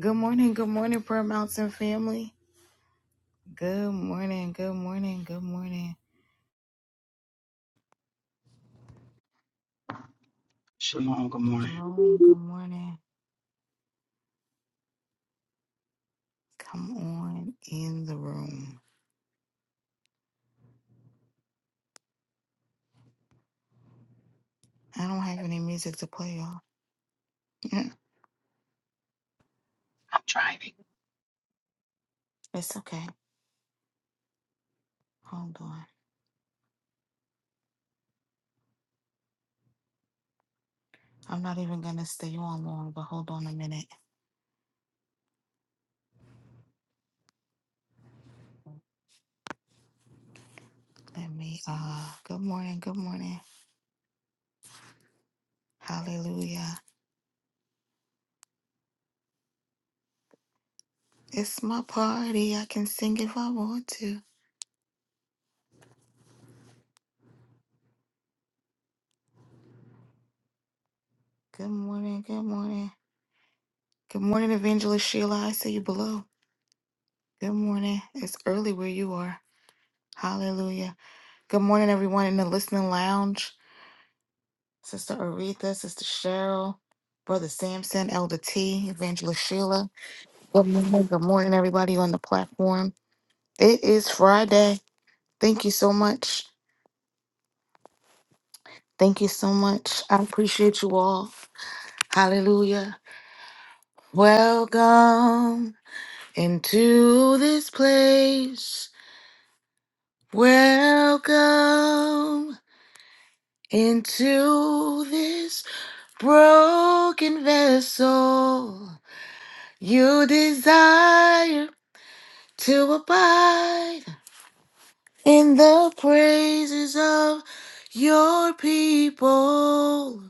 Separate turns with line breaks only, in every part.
Good morning, good morning, Prayer Mountain family. Good morning, good morning, good morning.
Shalom, good morning.
Shalom, good morning. Come on in the room. I don't have any music to play, y'all. Mm,
I'm driving.
it's okay. Hold on. I'm not even gonna stay on long, but hold on a minute. Let me uh good morning, good morning. Hallelujah. It's my party. I can sing if I want to. Good morning, good morning. Good morning, Evangelist Sheila. I see you below. Good morning. It's early where you are. Hallelujah. Good morning, everyone in the listening lounge. Sister Aretha, Sister Cheryl, Brother Samson, Elder T, Evangelist Sheila. Good morning. Good morning, everybody on the platform. It is Friday. Thank you so much. Thank you so much. I appreciate you all. Hallelujah. Welcome into this place. Welcome into this broken vessel, you desire to abide in the praises of your people.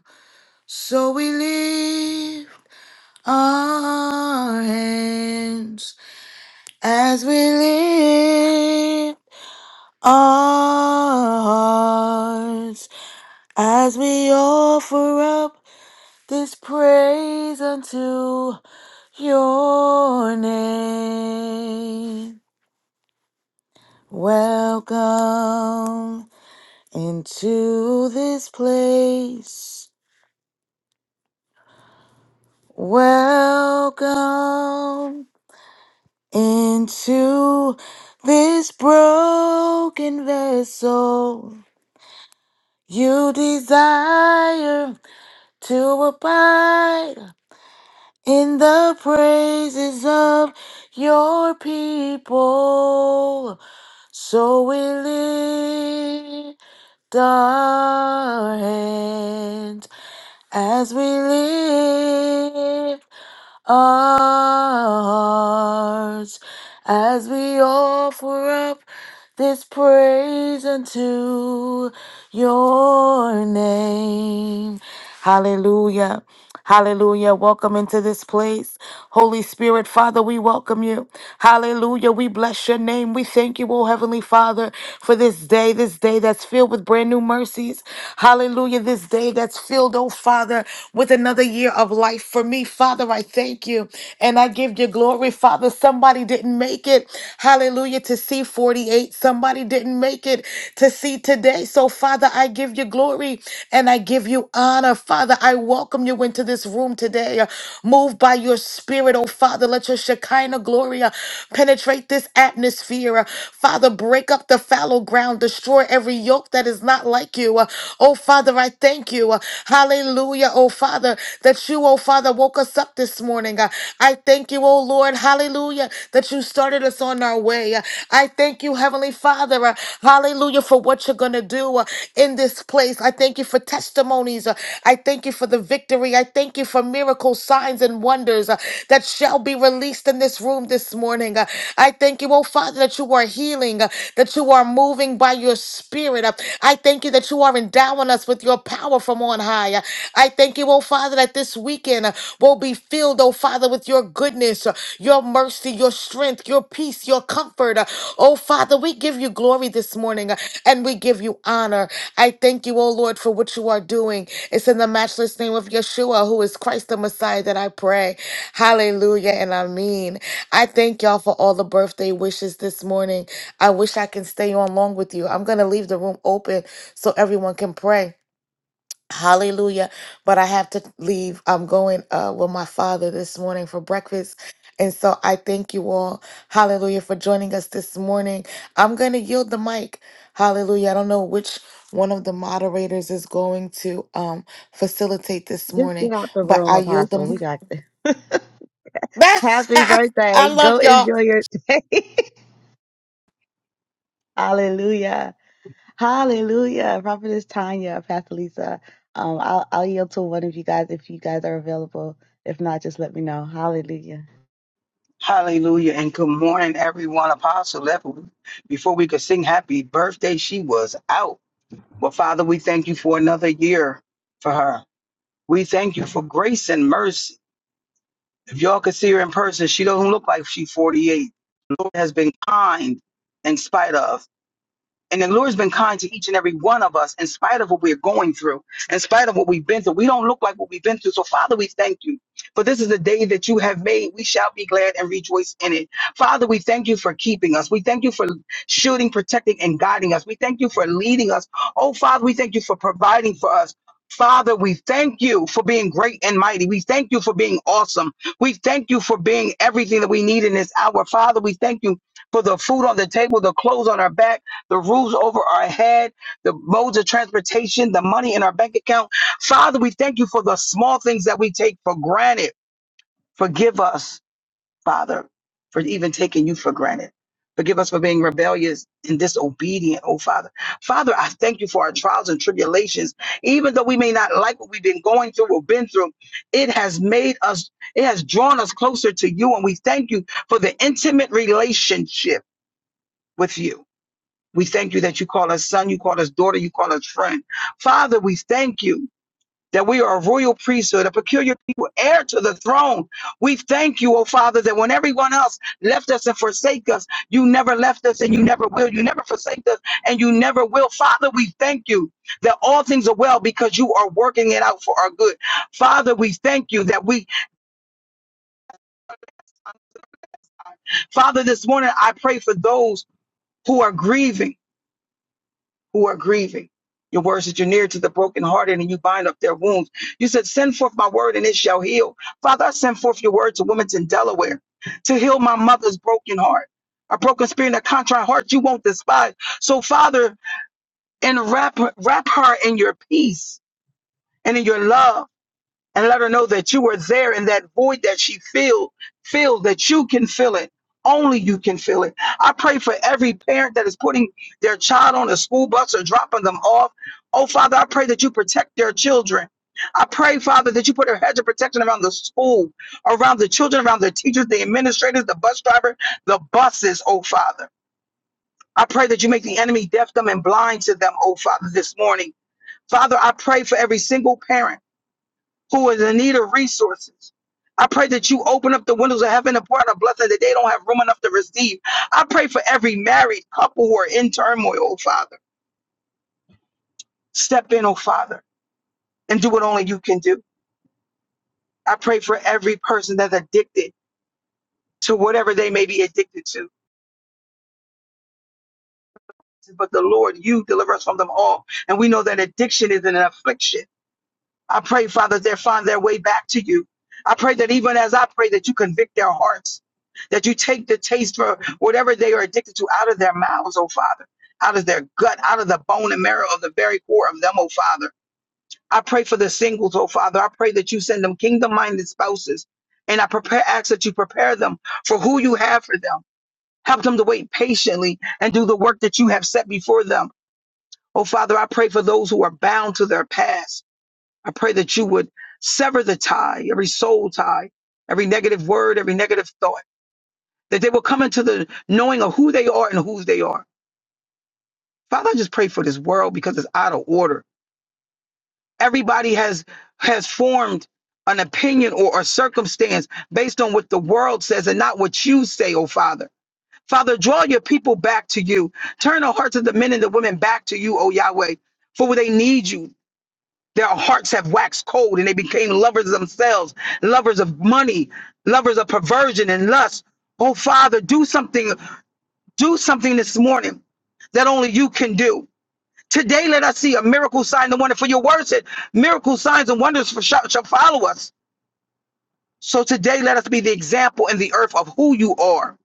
So we lift our hands as we lift our hearts as we offer up. this praise unto your name. Welcome into this place. Welcome into this broken vessel. You desire to abide in the praises of your people. So we lift our hands as we live hearts, as we offer up this praise unto your name. Hallelujah. Hallelujah. Welcome into this place. Holy Spirit, Father, we welcome you. Hallelujah. We bless your name. We thank you, O Heavenly Father, for this day, this day that's filled with brand new mercies. Hallelujah. This day that's filled, oh Father, with another year of life for me. Father, I thank you and I give you glory. Father, somebody didn't make it, hallelujah, to see 48. Somebody didn't make it to see today. So, Father, I give you glory and I give you honor. Father, I welcome you into this room today. Move by your spirit, oh Father. Let your Shekinah glory uh, penetrate this atmosphere. Uh, Father, break up the fallow ground, destroy every yoke that is not like you. Uh, Oh Father, I thank you. Uh, Hallelujah, oh Father. Father, that you, oh Father, woke us up this morning. Uh, I thank you, oh Lord, hallelujah, that you started us on our way. Uh, I thank you, Heavenly Father, uh, hallelujah, for what you're going to do uh, in this place. I thank you for testimonies. Uh, I thank you for the victory. I thank you for miracles, signs, and wonders uh, that shall be released in this room this morning. Uh, I thank you, oh Father, that you are healing, uh, that you are moving by your spirit. Uh, I thank you that you are endowing us with your power from on high high. I thank you, oh Father, that this weekend uh, will be filled, oh Father, with your goodness, uh, your mercy, your strength, your peace, your comfort. Uh, Oh Father, we give you glory this morning uh, and we give you honor. I thank you, oh Lord, for what you are doing. It's in the matchless name of Yeshua, who is Christ the Messiah, that I pray. Hallelujah and amen. I thank y'all for all the birthday wishes this morning. I wish I can stay on long with you. I'm going to leave the room open so everyone can pray. Hallelujah. But I have to leave. I'm going uh with my father this morning for breakfast. And so I thank you all. Hallelujah for joining us this morning. I'm going to yield the mic. Hallelujah. I don't know which one of the moderators is going to um facilitate this
Just
morning,
get out the
but
room,
I yield
Apostle. We
the
got this. Happy
I
birthday.
love
Go
y'all.
enjoy your day. Hallelujah. Hallelujah. Prophetess Tanya, Pastor Lisa. Um, I'll, I'll yield to one of you guys if you guys are available. If not, just let me know. Hallelujah.
Hallelujah, and good morning, everyone. Apostle left before we could sing happy birthday, she was out. But Father, we thank you for another year for her. We thank you for grace and mercy. If y'all could see her in person, she doesn't look like she's 48. The Lord has been kind in spite of. And the Lord's been kind to each and every one of us in spite of what we're going through, in spite of what we've been through. We don't look like what we've been through. So, Father, we thank you. For this is the day that you have made. We shall be glad and rejoice in it. Father, we thank you for keeping us. We thank you for shielding, protecting, and guiding us. We thank you for leading us. Oh, Father, we thank you for providing for us. Father, we thank you for being great and mighty. We thank you for being awesome. We thank you for being everything that we need in this hour. Father, we thank you for the food on the table, the clothes on our back the roofs over our head, the modes of transportation, the money in our bank account. Father, we thank you for the small things that we take for granted. Forgive us, Father, for even taking you for granted. Forgive us for being rebellious and disobedient, oh Father. Father, I thank you for our trials and tribulations. Even though we may not like what we've been going through or been through, it has made us, it has drawn us closer to you. And we thank you for the intimate relationship with you. We thank you that you call us son, you call us daughter, you call us friend. Father, we thank you that we are a royal priesthood, a peculiar people, heir to the throne. We thank you, oh Father, that when everyone else left us and forsake us, you never left us and you never will. You never forsake us and you never will. Father, we thank you that all things are well because you are working it out for our good. Father, we thank you that we, Father, this morning I pray for those who are grieving. who are grieving. Your words that you're near to the brokenhearted and you bind up their wounds. You said, Send forth my word and it shall heal. Father, I send forth your word to women in Delaware to heal my mother's broken heart. A broken spirit and a contrite heart you won't despise. So, Father, enwrap wrap her in your peace and in your love and let her know that you are there in that void that she feel feel that you can fill it only you can fill it i pray for every parent that is putting their child on a school bus or dropping them off oh father i pray that you protect their children I pray, Father, that you put a hedge of protection around the school, around the children, around the teachers, the administrators, the bus driver, the buses, oh Father. I pray that you make the enemy deaf, dumb, and blind to them, oh Father, this morning. Father, I pray for every single parent who is in need of resources. I pray that you open up the windows of heaven and pour out a blessing that they don't have room enough to receive. I pray for every married couple who are in turmoil, oh Father. Step in, oh Father, and do what only you can do. I pray for every person that's addicted to whatever they may be addicted to. But the Lord, you deliver us from them all. And we know that addiction is an affliction I pray, Father, they find their way back to you. I pray that even as I pray, that you convict their hearts, that you take the taste for whatever they are addicted to out of their mouths, oh Father, out of their gut, out of the bone and marrow of the very core of them, oh Father. I pray for the singles, oh Father. I pray that you send them kingdom minded spouses. And I prepare, ask that you prepare them for who you have for them. Help them to wait patiently and do the work that you have set before them. Oh Father, I pray for those who are bound to their past. I pray that you would sever the tie, every soul tie, every negative word, every negative thought, that they will come into the knowing of who they are and whose they are. Father, I just pray for this world because it's out of order. Everybody has has formed an opinion or a circumstance based on what the world says and not what you say, oh Father. Father, draw your people back to you. Turn the hearts of the men and the women back to you, oh Yahweh, for they need you. Their hearts have waxed cold and they became lovers of themselves, lovers of money, lovers of perversion and lust. Oh, Father, do something, do something this morning that only you can do. Today, let us see a miracle sign and wonder for your word said, miracle signs and wonders for, shall, shall follow us. So today, let us be the example in the earth of who you are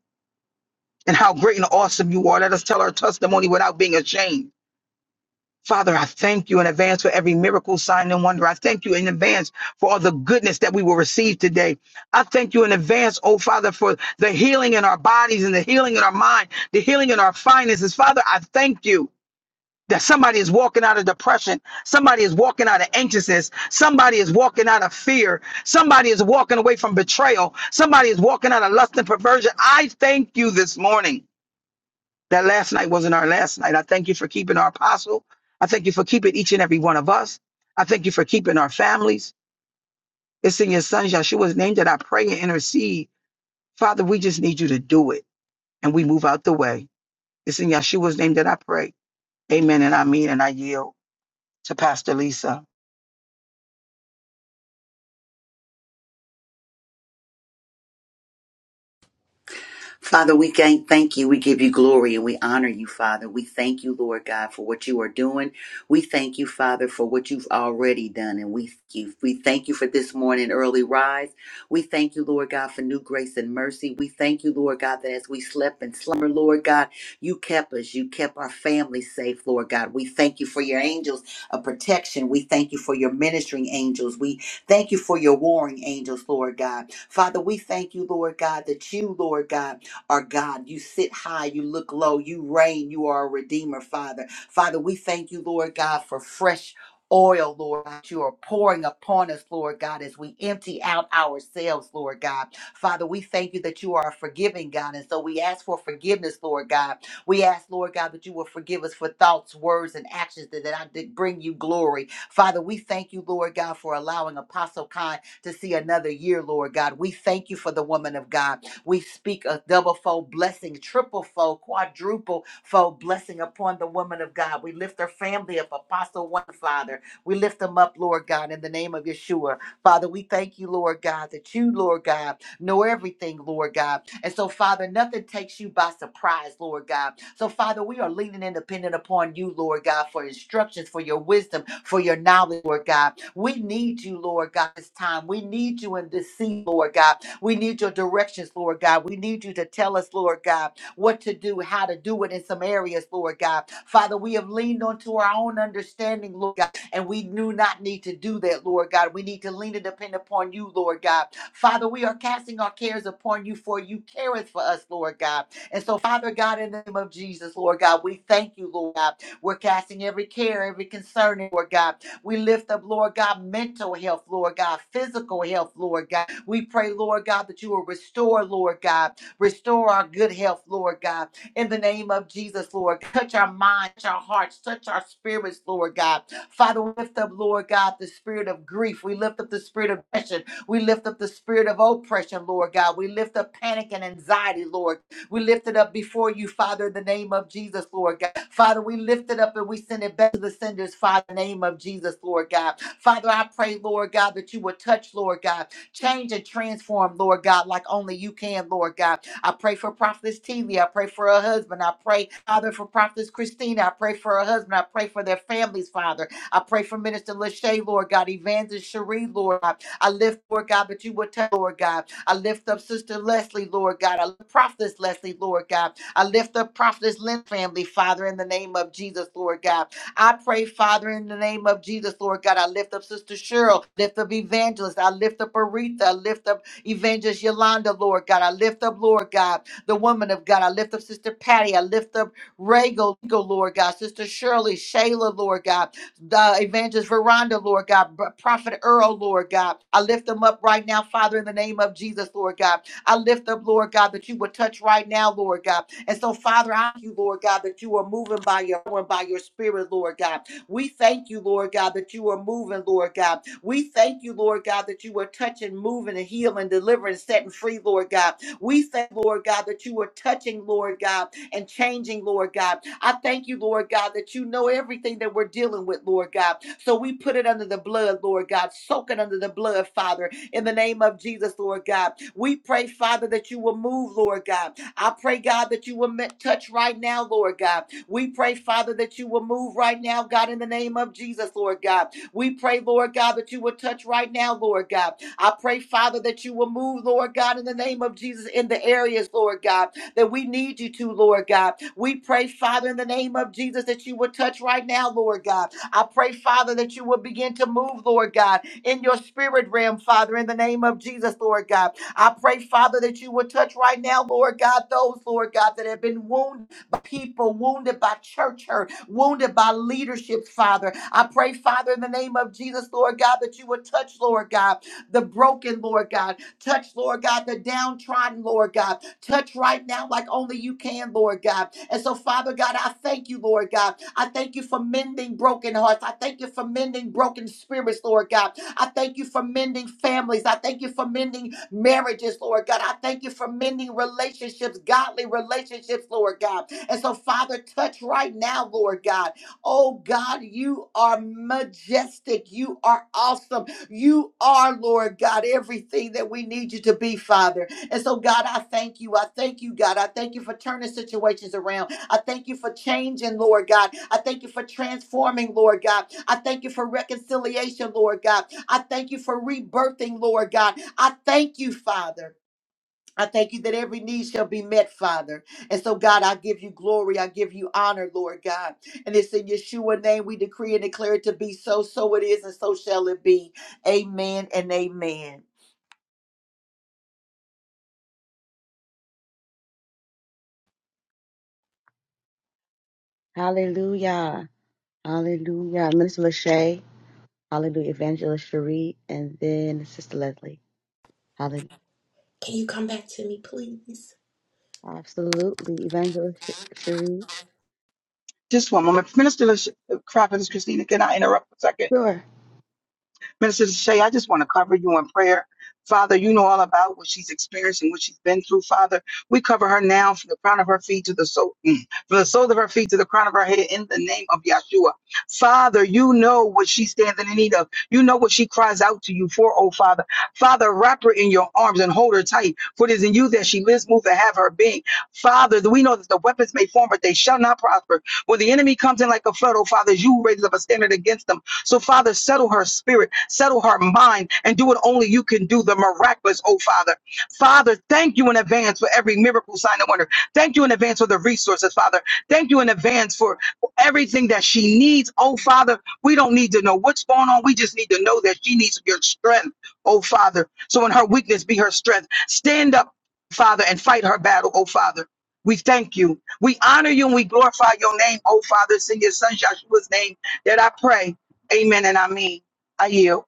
and how great and awesome you are. Let us tell our testimony without being ashamed. Father, I thank you in advance for every miracle, sign, and wonder. I thank you in advance for all the goodness that we will receive today. I thank you in advance, oh Father, for the healing in our bodies and the healing in our mind, the healing in our finances. Father, I thank you. That somebody is walking out of depression. Somebody is walking out of anxiousness. Somebody is walking out of fear. Somebody is walking away from betrayal. Somebody is walking out of lust and perversion. I thank you this morning that last night wasn't our last night. I thank you for keeping our apostle. I thank you for keeping each and every one of us. I thank you for keeping our families. It's in your son Yeshua's name that I pray and intercede. Father, we just need you to do it and we move out the way. It's in Yeshua's name that I pray. Amen. And I mean, and I yield to Pastor Lisa.
Father, we gain- thank you. We give you glory and we honor you, Father. We thank you, Lord God, for what you are doing. We thank you, Father, for what you've already done. And we thank you. We thank you for this morning early rise. We thank you, Lord God, for new grace and mercy. We thank you, Lord God, that as we slept and slumber, Lord God, you kept us. You kept our family safe, Lord God. We thank you for your angels of protection. We thank you for your ministering angels. We thank you for your warring angels, Lord God. Father, we thank you, Lord God, that you, Lord God, are God. You sit high, you look low, you reign, you are a redeemer, Father. Father, we thank you, Lord God, for fresh. Oil, Lord, that you are pouring upon us, Lord God, as we empty out ourselves, Lord God. Father, we thank you that you are a forgiving God. And so we ask for forgiveness, Lord God. We ask, Lord God, that you will forgive us for thoughts, words, and actions that, that I did bring you glory. Father, we thank you, Lord God, for allowing Apostle Khan to see another year, Lord God. We thank you for the woman of God. We speak a double fold blessing, triple fold, quadruple fold blessing upon the woman of God. We lift her family up, Apostle One Father. We lift them up, Lord God, in the name of Yeshua. Father, we thank you, Lord God, that you, Lord God, know everything, Lord God. And so, Father, nothing takes you by surprise, Lord God. So, Father, we are leaning and dependent upon you, Lord God, for instructions, for your wisdom, for your knowledge, Lord God. We need you, Lord God, this time. We need you in this season, Lord God. We need your directions, Lord God. We need you to tell us, Lord God, what to do, how to do it in some areas, Lord God. Father, we have leaned onto our own understanding, Lord God, and we do not need to do that, Lord God. We need to lean and depend upon you, Lord God. Father, we are casting our cares upon you, for you careth for us, Lord God. And so, Father God, in the name of Jesus, Lord God, we thank you, Lord God. We're casting every care, every concern, Lord God. We lift up, Lord God, mental health, Lord God, physical health, Lord God. We pray, Lord God, that you will restore, Lord God, restore our good health, Lord God. In the name of Jesus, Lord, touch our minds, touch our hearts, touch our spirits, Lord God. Father, we lift up, Lord God, the spirit of grief. We lift up the spirit of depression. We lift up the spirit of oppression, Lord God. We lift up panic and anxiety, Lord we lift it up before you, Father, in the name of Jesus, Lord God. Father, we lift it up and we send it back to the senders, Father, in the name of Jesus, Lord God. Father, I pray, Lord God, that you would touch, Lord God, change and transform, Lord God, like only you can, Lord God. I pray for Prophetess TV. I pray for her husband. I pray, Father, for Prophetess Christina. I pray for her husband. I pray for their families, Father. I pray for Minister Lachey, Lord God, Evangelist Cherie, Lord God. I lift, Lord God, but you would tell, Lord God. I lift up Sister Leslie, Lord God. I lift Prophetess Leslie, Lord God. I lift up Prophetess Lynn family, Father, in the name of Jesus, Lord God. I pray, Father, in the name of Jesus, Lord God. I lift up Sister Cheryl, lift up Evangelist. I lift up Aretha. I lift up Evangelist Yolanda, Lord God. I lift up, Lord God, the woman of God. I lift up Sister Patty. I lift up Regal, Lord God. Sister Shirley, Shayla, Lord God uh, Evangelist Veranda, Lord God, Br- Prophet Earl, Lord God. I lift them up right now, Father, in the name of Jesus, Lord God. I lift up, Lord God, that you would touch right now, Lord God. And so, Father, I thank you, Lord God, that you are moving by your power and by your spirit, Lord God. We thank you, Lord God, that you are moving, Lord God. We thank you, Lord God, that you are touching, moving, and healing, delivering, setting free, Lord God. We thank, Lord God, that you are touching, Lord God and changing, Lord God. I thank you, Lord God, that you know everything that we're dealing with, Lord God. So we put it under the blood, Lord God. Soak it under the blood, Father, in the name of Jesus, Lord God. We pray, Father, that you will move, Lord God. I pray, God, that you will ma- touch right now, Lord God. We pray, Father, that you will move right now, God, in the name of Jesus, Lord God. We pray, Lord God, that you will touch right now, Lord God. I pray, Father, that you will move, Lord God, in the name of Jesus, in the areas, Lord God that we need you to, Lord God. We pray, Father, in the name of Jesus, that you would touch right now, Lord God. I pray, Father, that you would begin to move, Lord God, in your spirit realm, Father, in the name of Jesus, Lord God. I pray, Father, that you would touch right now, Lord God, those, Lord God, that have been wounded by people, wounded by church hurt, wounded by leadership, Father. I pray, Father, in the name of Jesus, Lord God, that you would touch, Lord God, the broken, Lord God. Touch, Lord God, the downtrodden, Lord God. Touch right now like only you can, Lord God. And so, Father God, I thank you, Lord God. I thank you for mending broken hearts. I thank you for mending broken spirits, Lord God. I thank you for mending families. I thank you for mending marriages, Lord God. I thank you for mending relationships, godly relationships, Lord God. And so, Father, touch right now, Lord God. Oh God, you are majestic. You are awesome. You are, Lord God, everything that we need you to be, Father. And so, God, I thank you. I thank you, God. I thank you for turning situations around. I thank you for changing, Lord God. I thank you for transforming, Lord God. I thank you for reconciliation, Lord God. I thank you for rebirthing, Lord God. I thank you, Father. I thank you that every need shall be met, Father. And so, God, I give you glory. I give you honor, Lord God. And it's in Yeshua name we decree and declare it to be so. So it is, and so shall it be. Amen and amen.
Hallelujah. Hallelujah. Minister Lachey. Hallelujah. Evangelist Cherie. And then Sister Leslie. Hallelujah.
Can you come back to me, please?
Absolutely. Evangelist Cherie.
Just one moment. Minister Crop, Christina, can I interrupt for a second?
Sure.
Minister Shay, I just want to cover you in prayer. Father, you know all about what she's experienced and what she's been through, Father. We cover her now from the crown of her feet to the soul, mm, from the soles of her feet to the crown of her head in the name of Yeshua. Father, you know what she stands in need of. You know what she cries out to you for, oh Father. Father, wrap her in your arms and hold her tight, for it is in you that she lives, moves, and have her being. Father, we know that the weapons may form, but they shall not prosper. When the enemy comes in like a flood, oh Father, you raise up a standard against them so, Father, settle her spirit, settle her mind, and do what only you can do the miraculous, oh Father. Father, thank you in advance for every miracle, sign, and wonder. Thank you in advance for the resources, Father. Thank you in advance for everything that she needs, oh Father. We don't need to know what's going on. We just need to know that she needs your strength, oh Father. So, in her weakness, be her strength. Stand up, Father, and fight her battle, oh Father. We thank you. We honor you and we glorify your name, oh Father. It's in your son Joshua's name that I pray. Amen and I mean, I yield.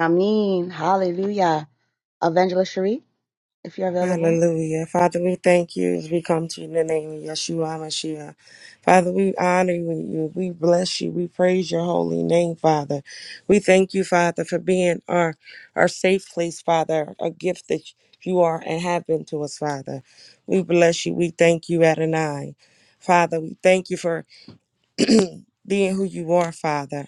I mean, hallelujah. Evangelist Cherie. if you're available.
Hallelujah. Father, we thank you as we come to you in the name of Yeshua Mashiach. Father, we honor you. We bless you. We praise your holy name, Father. We thank you, Father, for being our, our safe place, Father, a gift that you are and have been to us, Father. We bless you. We thank you, Adonai. Father, we thank you for being who you are, Father.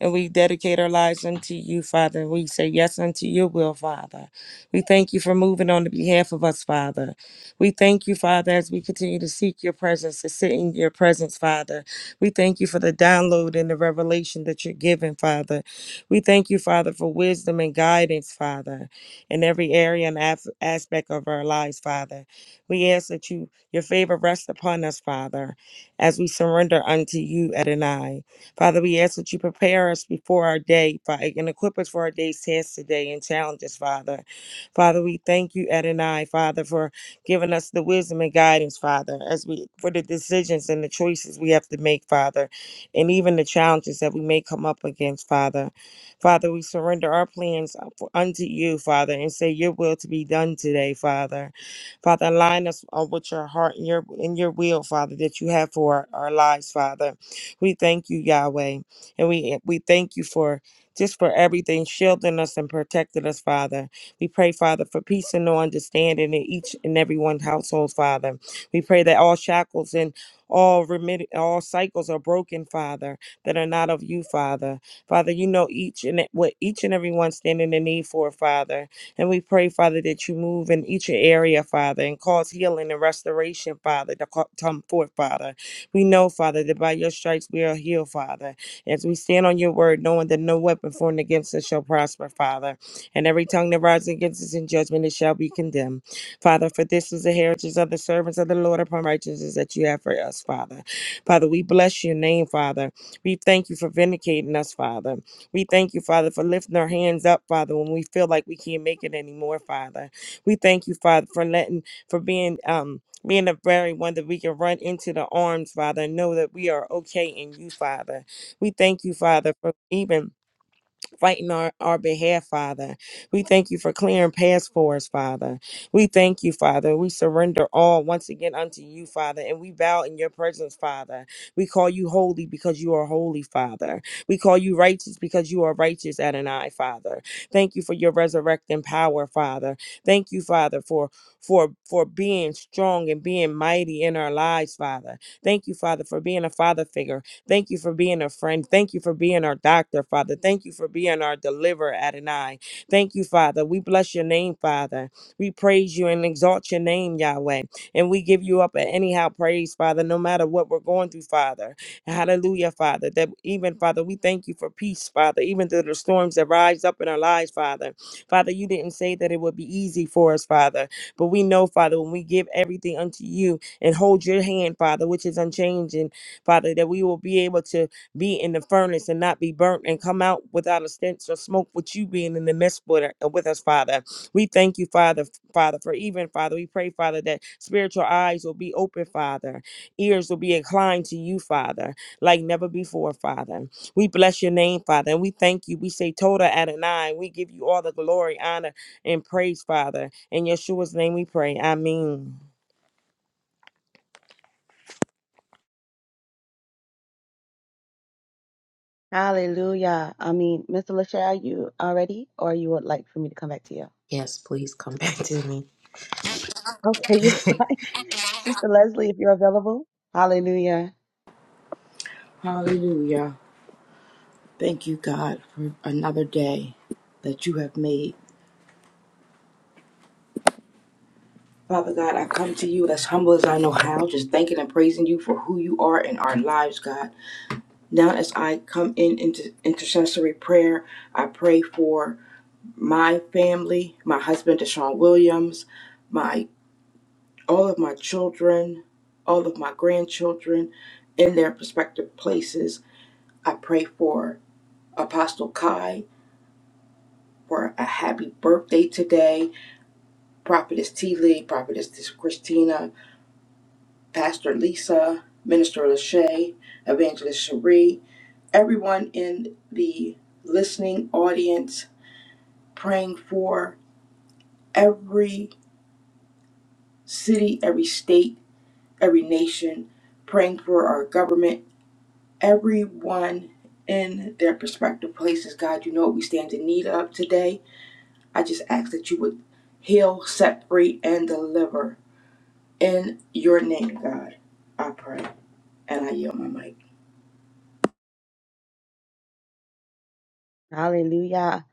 And we dedicate our lives unto you, Father. We say yes unto your will, Father. We thank you for moving on the behalf of us, Father. We thank you, Father, as we continue to seek your presence, to sit in your presence, Father. We thank you for the download and the revelation that you're giving, Father. We thank you, Father, for wisdom and guidance, Father, in every area and af- aspect of our lives, Father. We ask that you your favor rest upon us, Father as we surrender unto you, Adonai. Father, we ask that you prepare us before our day Father, and equip us for our day's task today and challenges, Father. Father, we thank you, Adonai, Father, for giving us the wisdom and guidance, Father, as we for the decisions and the choices we have to make, Father, and even the challenges that we may come up against, Father. Father, we surrender our plans unto you, Father, and say your will to be done today, Father. Father, align us uh, with your heart and your and your will, Father, that you have for our, our lives, Father. We thank you, Yahweh, and we eh, we thank you for just for everything, shielding us and protecting us, Father. We pray, Father, for peace and no understanding in each and every one's household, Father. We pray that all shackles and all remit- all cycles are broken, Father, that are not of you, Father. Father, you know each and e- what each and every one standing in need for, Father. And we pray, Father, that you move in each area, Father, and cause healing and restoration, Father, to co- come forth, Father. We know, Father, that by your stripes we are healed, Father. As we stand on your word, knowing that no weapon formed against us shall prosper, Father. And every tongue that rises against us in judgment, it shall be condemned. Father, for this is the heritage of the servants of the Lord upon righteousness that you have for us, Father. Father, we bless your name, Father. We thank you for vindicating us, Father. We thank you, Father, for lifting our hands up, Father, when we feel like we can't make it anymore, Father. We thank you, Father, for letting, for being, um, being the very one that we can run into the arms, Father, and know that we are okay in you, Father. We thank you, Father, for even fighting our, our behalf, Father. We thank you for clearing paths for us, Father. We thank you, Father. We surrender all once again unto you, Father, and we bow in your presence, Father. We call you holy because you are holy, Father. We call you righteous because you are righteous, Adonai, Father. Thank you for your resurrecting power, Father. Thank you, Father, for for for being strong and being mighty in our lives, Father. Thank you, Father, for being a father figure Thank you for being a friend. Thank you for being our doctor, Father. Thank you for being our deliverer, Adonai. Thank you, Father. We bless your name, Father. We praise you and exalt your name, Yahweh. And we give you up at anyhow praise, Father, no matter what we're going through, Father. Hallelujah, Father. That even, Father, we thank you for peace, Father, even through the storms that rise up in our lives, Father. Father, you didn't say that it would be easy for us, Father. But we know, Father, when we give everything unto you and hold your hand, Father, which is unchanging. Father, that we will be able to be in the furnace and not be burnt and come out without a stench or smoke with you being in the midst with, uh, with us, Father. We thank you, Father, Father, for even, Father, we pray, Father, that spiritual eyes will be open, Father. Ears will be inclined to you, Father, like never before, Father. We bless your name, Father, and we thank you. We say Toda Adonai. We give you all the glory, honor, and praise, Father. In Yeshua's name we pray. Amen.
Hallelujah. I mean, Mr. Lachey, are you all ready, or you would like for me to come back to you?
Yes, please come back to me.
Okay, you're fine. Sister Leslie, if you're available. Hallelujah.
Hallelujah. Thank you, God, for another day that you have made. Father God, I come to you as humble as I know how, just thanking and praising you for who you are in our lives, God. Now, as I come in into intercessory prayer, I pray for my family, my husband, Deshaun Williams, my all of my children, all of my grandchildren in their prospective places. I pray for Apostle Kai for a happy birthday today Prophetess T. Lee, Prophetess Christina, Pastor Lisa, Minister Lachey, Evangelist Cherie, everyone in the listening audience, praying for every city, every state, every nation, praying for our government, everyone in their prospective places. God, you know what we stand in need of today. I just ask that you would heal, set free, and deliver In your name, God, I pray and I yield my mic.
Hallelujah.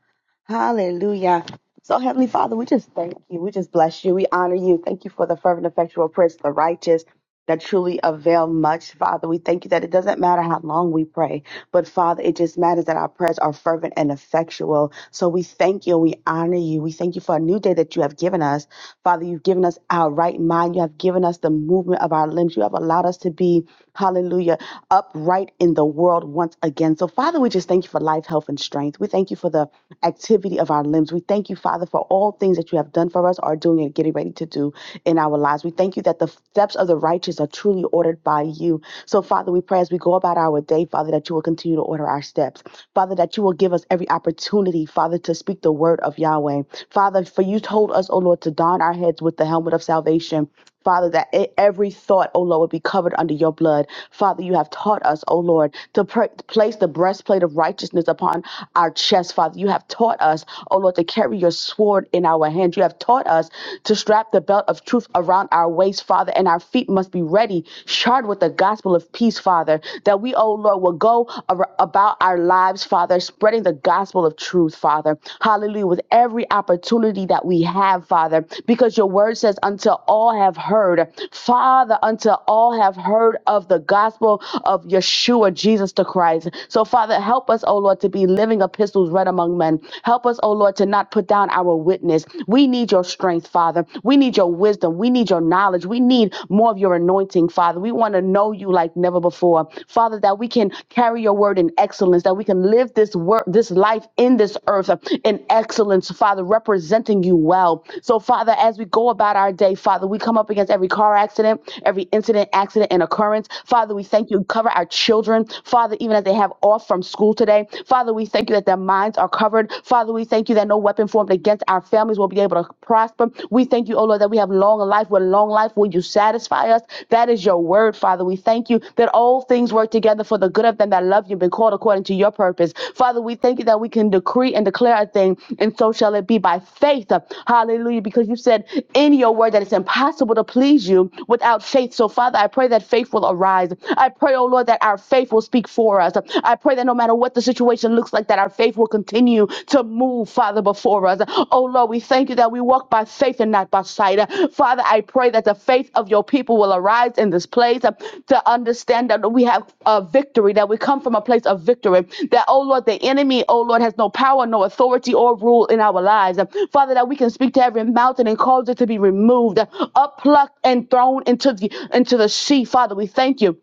Hallelujah. So, Heavenly Father, we just thank you. We just bless you. We honor you. Thank you for the fervent, effectual prayers of the righteous that truly avail much, Father. We thank you that it doesn't matter how long we pray. But Father, it just matters that our prayers are fervent and effectual. So we thank you. We honor you. We thank you for a new day that you have given us. Father, you've given us our right mind. You have given us the movement of our limbs. You have allowed us to be, hallelujah, upright in the world once again. So, Father, we just thank you for life, health, and strength. We thank you for the activity of our limbs. We thank you, Father, for all things that you have done for us, are doing, and getting ready to do in our lives. We thank you that the steps of the righteous are truly ordered by you you. So, Father, we pray as we go about our day, Father, that you will continue to order our steps. Father, that you will give us every opportunity, Father, to speak the word of Yahweh. Father, for you told us, O Lord, to don our heads with the helmet of salvation. Father, that e- every thought, O Lord, would be covered under your blood. Father, you have taught us, O Lord, to pr- place the breastplate of righteousness upon our chest, Father. You have taught us, O Lord, to carry your sword in our hand. You have taught us to strap the belt of truth around our our waist, Father, and our feet must be ready, shod with the gospel of peace, Father, that we, oh Lord, will go ar- about our lives, Father, spreading the gospel of truth, Father. Hallelujah. With every opportunity that we have, Father, because your word says, until all have heard, Father, until all have heard of the gospel of Yeshua, Jesus the Christ. So, Father, help us, oh Lord, to be living epistles read among men. Help us, oh Lord, to not put down our witness. We we need your strength, Father. We need your wisdom. We need your knowledge. We need more of your anointing, Father. We want to know you like never before. Father, that we can carry your word in excellence, that we can live this work, this life in this earth uh, in excellence, Father, representing you well. So, Father, as we go about our day, Father, we come up against every car accident, every incident, accident, and occurrence. Father, we thank you. Cover our children, Father, even as they have off from school today. Father, we thank you that their minds are covered covered. Father, we thank you that no weapon formed against our families will be able to prosper. We thank you, oh Lord, that we have long life. With long life, will you satisfy us? That is your word, Father. We thank you that all things work together for the good of them that love you and been called according to your purpose. Father, we thank you that we can decree and declare a thing, and so shall it be by faith. Hallelujah. Because you said in your word that it's impossible to please you without faith. So, Father, I pray that faith will arise. I pray, oh Lord, that our faith will speak for us. I I pray that no matter what the situation looks like, that our faith will continue to move, Father, before us. Oh Lord, we thank you that we walk by faith and not by sight. Father, I pray that the faith of your people will arise in this place uh, to understand that we have a victory, that we come from a place of victory. That, oh Lord, the enemy, oh Lord, has no power, no authority or rule in our lives. Uh, Father, that we can speak to every mountain and cause it to be removed, up plucked and thrown into the into the sea. Father, we thank you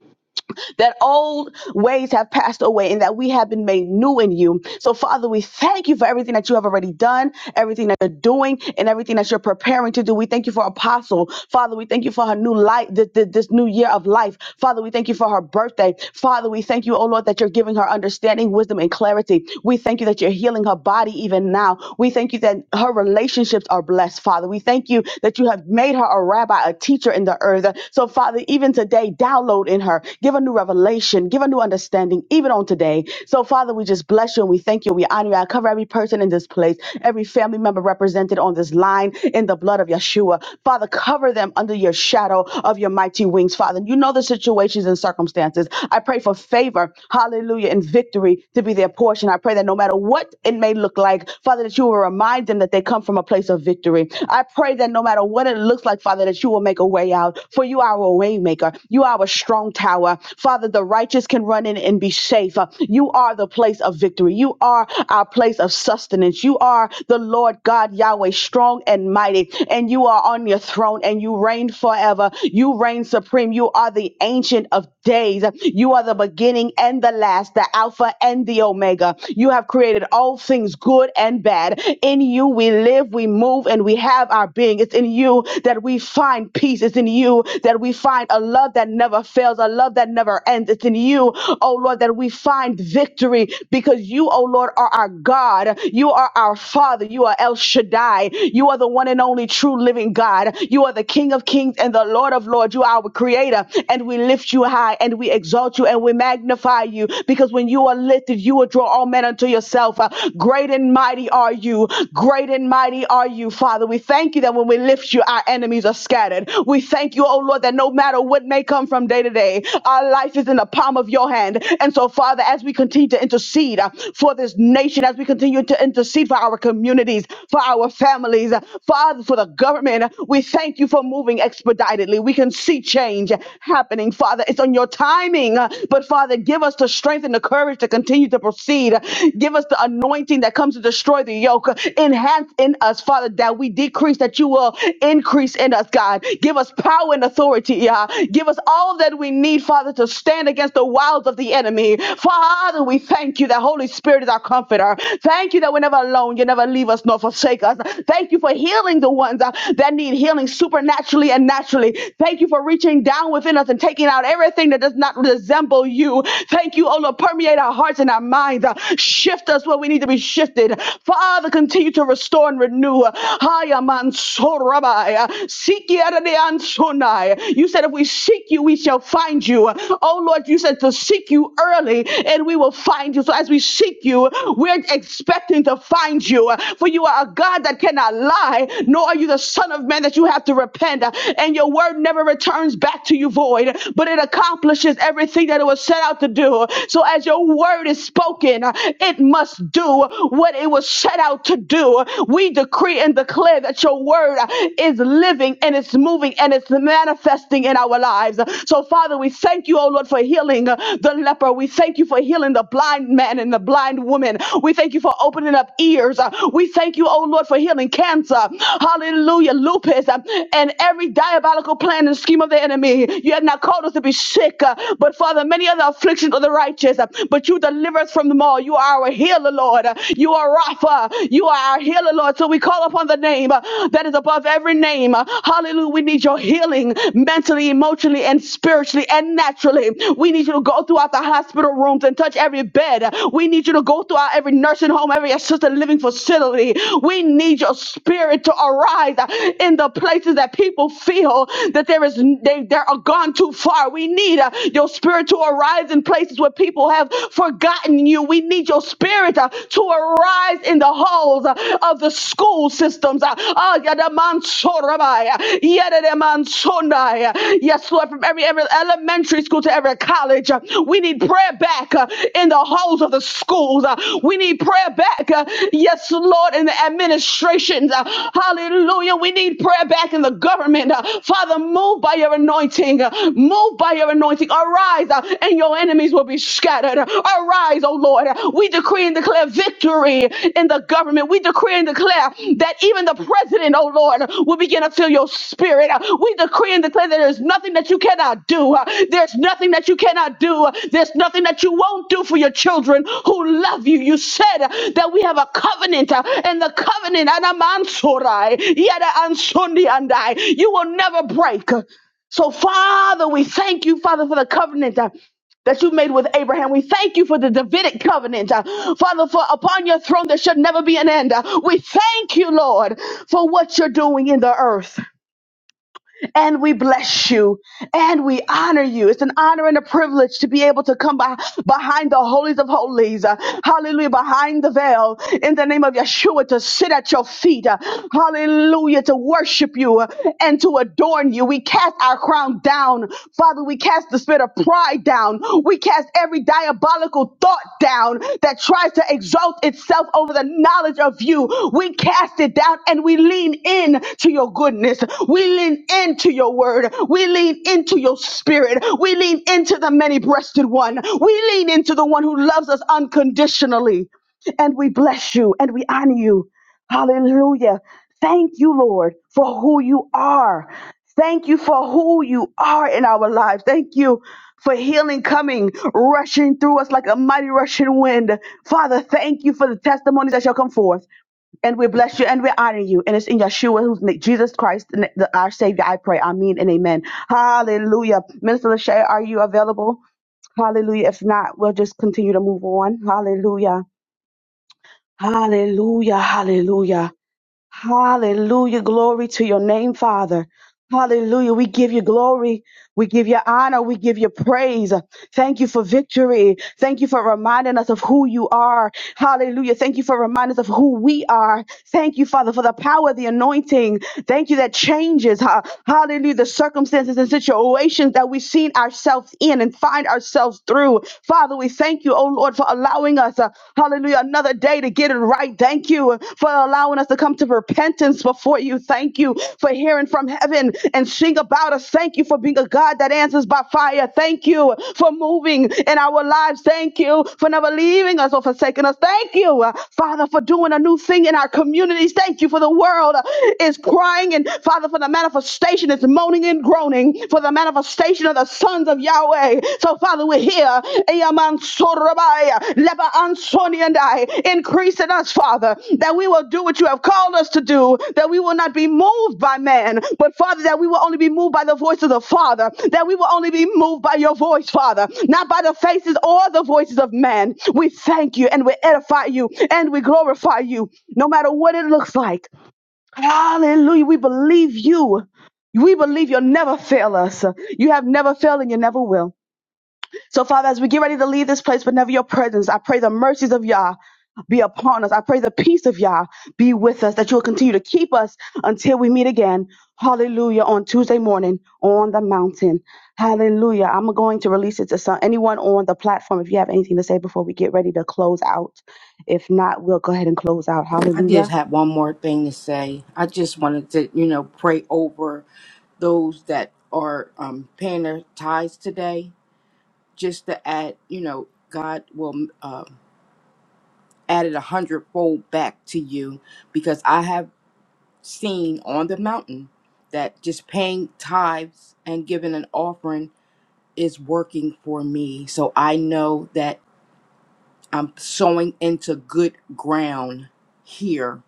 that old ways have passed away and that we have been made new in you. So, Father, we thank you for everything that you have already done, everything that you're doing, and everything that you're preparing to do. We thank you for Apostle. Father, we thank you for her new life, this, this new year of life. Father, we thank you for her birthday. Father, we thank you, oh Lord, that you're giving her understanding, wisdom, and clarity. We thank you that you're healing her body even now. We thank you that her relationships are blessed, Father. We thank you that you have made her a rabbi, a teacher in the earth. So, Father, even today, today. Download in her. Give a new revelation. Give a new understanding, even on today. So, Father, we just bless you and we thank you. We honor you. I cover every person in this place, every family member represented on this line in the blood of Yeshua. Father, cover them under your shadow of your mighty wings, Father. You know the situations and circumstances. I pray for favor, hallelujah, and victory to be their portion. I pray that no matter what it may look like, Father, that you will remind them that they come from a place of victory. I pray that no matter what it looks like, Father, that you will make a way out love, for you are a waymaker. You are a strong tower. Father, the righteous can run in and be safe. Uh, You are the place of victory. You are our place of sustenance. You are the Lord God Yahweh, strong and mighty, and you are on your throne and you reign forever. You reign supreme. You are the ancient of days. You are the beginning and the last, the Alpha and the Omega. You have created all things good and bad. In you we live, we move, and we have our being. It's in you that we find peace. It's in you that we find a love that never fails, a love that never ends. It's in you, oh Lord, that we find victory because you, oh Lord, are our God. You are our Father. You are El Shaddai. You are the one and only true living God. You are the King of kings and the Lord of lords. You are our creator and we lift you high and we exalt you and we magnify you because when you are lifted, you will draw all men unto yourself. Uh, Great and mighty are you. Great and mighty are you, Father we thank you that when we lift you, our enemies are scattered. We thank you, oh Lord, that no matter what may come from day to day, our life is in the palm of your hand. And so, Father, as we continue to intercede uh, for this nation, as we continue to intercede for our communities, for our families, uh, Father, for the government, uh, we thank you for moving expeditedly. We can see change happening, Father. It's on your timing. uh, But, Father, give us the strength and the courage to continue to proceed. Give us the anointing that comes to destroy the yoke in enhance in us, Father, that we decrease, that you will increase in us, God. Give us power and authority, Yah. Give us all that we need, Father, to stand against the wiles of the enemy. Father, we thank you that Holy Spirit is our comforter. Thank you that we're never alone. You never leave us nor forsake us. Thank you for healing the ones uh, that need healing supernaturally and naturally. Thank you for reaching down within us and taking out everything that does not resemble you. Thank you, oh Lord, permeate our hearts and our minds. Uh, shift us where we need to be shifted lifted. Father, continue to restore and renew. Haya mansorabai, sikiadeansunai. You said if we seek you, we shall find you. Oh Lord, you said to seek you early and we will find you. So as we seek you, we're expecting to find you. For you are a God that cannot lie, nor are you the Son of Man that you have to repent. And your word never returns back to you void, but it accomplishes everything that it was set out to do. So as your word is spoken, it must do what it was set out to do. We decree and declare that your word is living and it's moving and it's manifesting in our lives. So, Father, we thank you, oh Lord, for healing the leper. We thank you for healing the blind man and the blind woman. We thank you for opening up ears. We thank you, oh Lord, for healing cancer. Hallelujah, lupus, and every diabolical plan and scheme of the enemy. You have not called us to be sick, but Father, many of the afflictions of the righteous but you deliver us from them all. You are our healer, Lord. You are Rapha. You are our healer, Lord. So we call upon the name uh, that is above every name. Uh, Hallelujah. We need your healing mentally, emotionally, and spiritually and naturally. We need you to go throughout the hospital rooms and touch every bed. We need you to go throughout every nursing home, every assisted living facility. We need your spirit to arise uh, in the places that people feel that there is they, they are gone too far. We need uh, your spirit to arise in places where people have forgotten you. We need your spirit uh, to arise in the halls uh, of the school systems. uh, ah, yadamansorabai, uh, yadadamansonai, uh, Yes, Lord, from every, every elementary school to every college, uh, we need prayer back uh, in the halls of the schools. uh, We need prayer back, uh, yes, Lord, in the administrations. uh, Hallelujah. We need prayer back in the government. uh, Father, move by your anointing. uh, Move move by your anointing. Arise, uh, and your enemies will be scattered. Arise, O Lord. We decree and declare victory in the government. We decree and declare that even the president, O Lord, will begin to feel your spirit. We decree and declare that there's nothing that you cannot do. There's nothing that you cannot do. There's nothing that you won't do for your children who love you. You said that we have a covenant, uh, and the covenant, Anamansorai, Yada Ansundi Andai, you will never break. So, Father, we thank you, Father, for the covenant. uh, that you made with Abraham. We thank you for the Davidic covenant. uh, Father, for upon your throne there should never be an end. Uh, We thank you, Lord, for what you're doing in the earth and we bless you and we honor you. It's an honor and a privilege to be able to come by, behind the holies of holies. uh, hallelujah. Behind the veil in the name of Yeshua to sit at your feet. uh, hallelujah. To worship you uh, and to adorn you. We cast our crown down. Father, we cast the spirit of pride down. We cast every diabolical thought down that tries to exalt itself over the knowledge of you. We cast it down and we lean in in to your goodness. We lean into your word. We lean into your spirit. We lean into the many breasted one. We lean into the one who loves us unconditionally. And we bless you and we honor you. Hallelujah. Thank you, Lord, for who you are. Thank you for who you are in our lives. Thank you for healing coming, rushing through us like a mighty rushing wind. Father, thank you for the testimonies that shall come forth. And we bless you and we honor you. And it's in Yeshua, who's na- Jesus Christ, na- the- our Savior. I pray. Amen and amen. Hallelujah. Minister Lachey, are you available? Hallelujah. If not, we'll just continue to move on. Hallelujah. Hallelujah. Hallelujah. Hallelujah. Glory to your name, Father. Hallelujah. We give you glory. We give you honor. We give you praise. Thank you for victory. Thank you for reminding us of who you are. Hallelujah. Thank you for reminding us of who we are. Thank you, Father, for the power of the anointing. Thank you that changes. ha- Hallelujah. The circumstances and situations that we've seen ourselves in and find ourselves through. Father, we thank you, oh Lord, for allowing us. uh, Hallelujah. Another day today to get it right. Thank you for allowing us to come to repentance before you. Thank you for hearing from heaven and sing about us. Thank you for being a God that answers by fire. Thank you for moving in our lives. Thank you for never leaving us or forsaking us. Thank you, uh, Father, for doing a new thing in our communities. Thank you for the world uh, is crying and Father for the manifestation is moaning and groaning for the manifestation of the sons of Yahweh. So, Father, we're here. Eyaman sorabaya, leba ansoni and I. Increase in us, Father, that we will do what you have called us to do, that we will not be moved by man, but Father, that we will only be moved by the voice of the Father, that we will only be moved by your voice, Father, not by the faces or the voices of man. We thank you and we edify you and we glorify you, no matter what it looks like. Hallelujah. We believe you. We believe you'll never fail us. You have never failed and you never will. So, Father, as we get ready to leave this place, whenever your presence, I pray the mercies of Yah be upon us. I pray the peace of Yah be with us, that you will continue to keep us until we meet again. Hallelujah. On Tuesday morning on the mountain. Hallelujah. I'm going to release it to some, anyone on the platform if you have anything to say before we get ready to close out. If not, we'll go ahead and close out.
I
Hallelujah.
just have one more thing to say. I just wanted to, you know, pray over those that are um, paying their tithes today, just to add, you know, God will um add it a hundredfold back to you because I have seen on the mountain that just paying tithes and giving an offering is working for me. So I know that I'm sowing into good ground here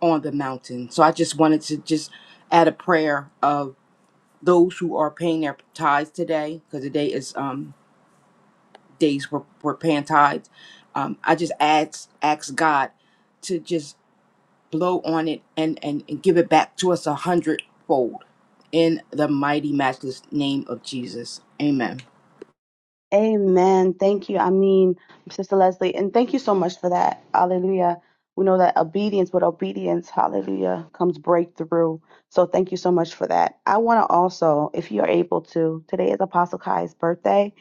on the mountain. So I just wanted to just add a prayer of those who are paying their tithes today, because today is um days we're, we're paying tithes. Um, I just ask ask God to just blow on it and, and and give it back to us a hundredfold in the mighty matchless name of Jesus. Amen.
Amen. Thank you. I mean, Sister Leslie, and thank you so much for that. Hallelujah. We know that obedience with obedience, hallelujah, comes breakthrough. So thank you so much for that. I want to also, if you are able to, today is Apostle Kai's birthday.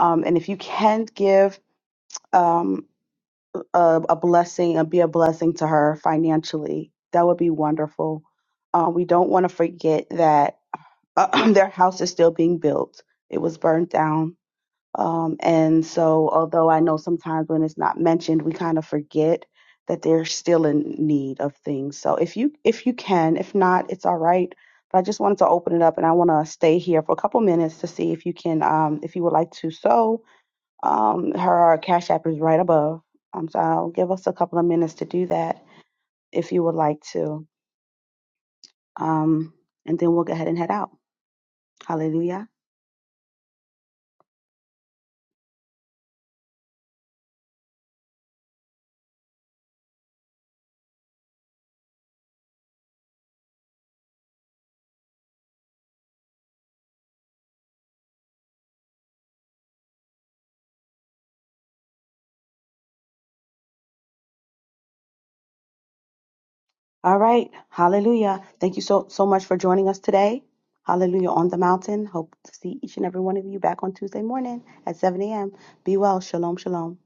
Um, and if you can give um, a, a blessing and be a blessing to her financially, that would be wonderful. Uh, we don't want to forget that their house is still being built. It was burned down um, and so, although I know sometimes when it's not mentioned, we kind of forget that they're still in need of things. So if you if you can, if not, it's all right. But I just wanted to open it up, and I want to stay here for a couple minutes to see if you can, um, if you would like to. So um, her cash app is right above. Um, so I'll give us a couple of minutes to do that if you would like to, um, and then we'll go ahead and head out. Hallelujah. All right. Hallelujah. Thank you so, so much for joining us today. Hallelujah on the mountain. Hope to see each and every one of you back on Tuesday morning at 7 a.m. Be well. Shalom, shalom.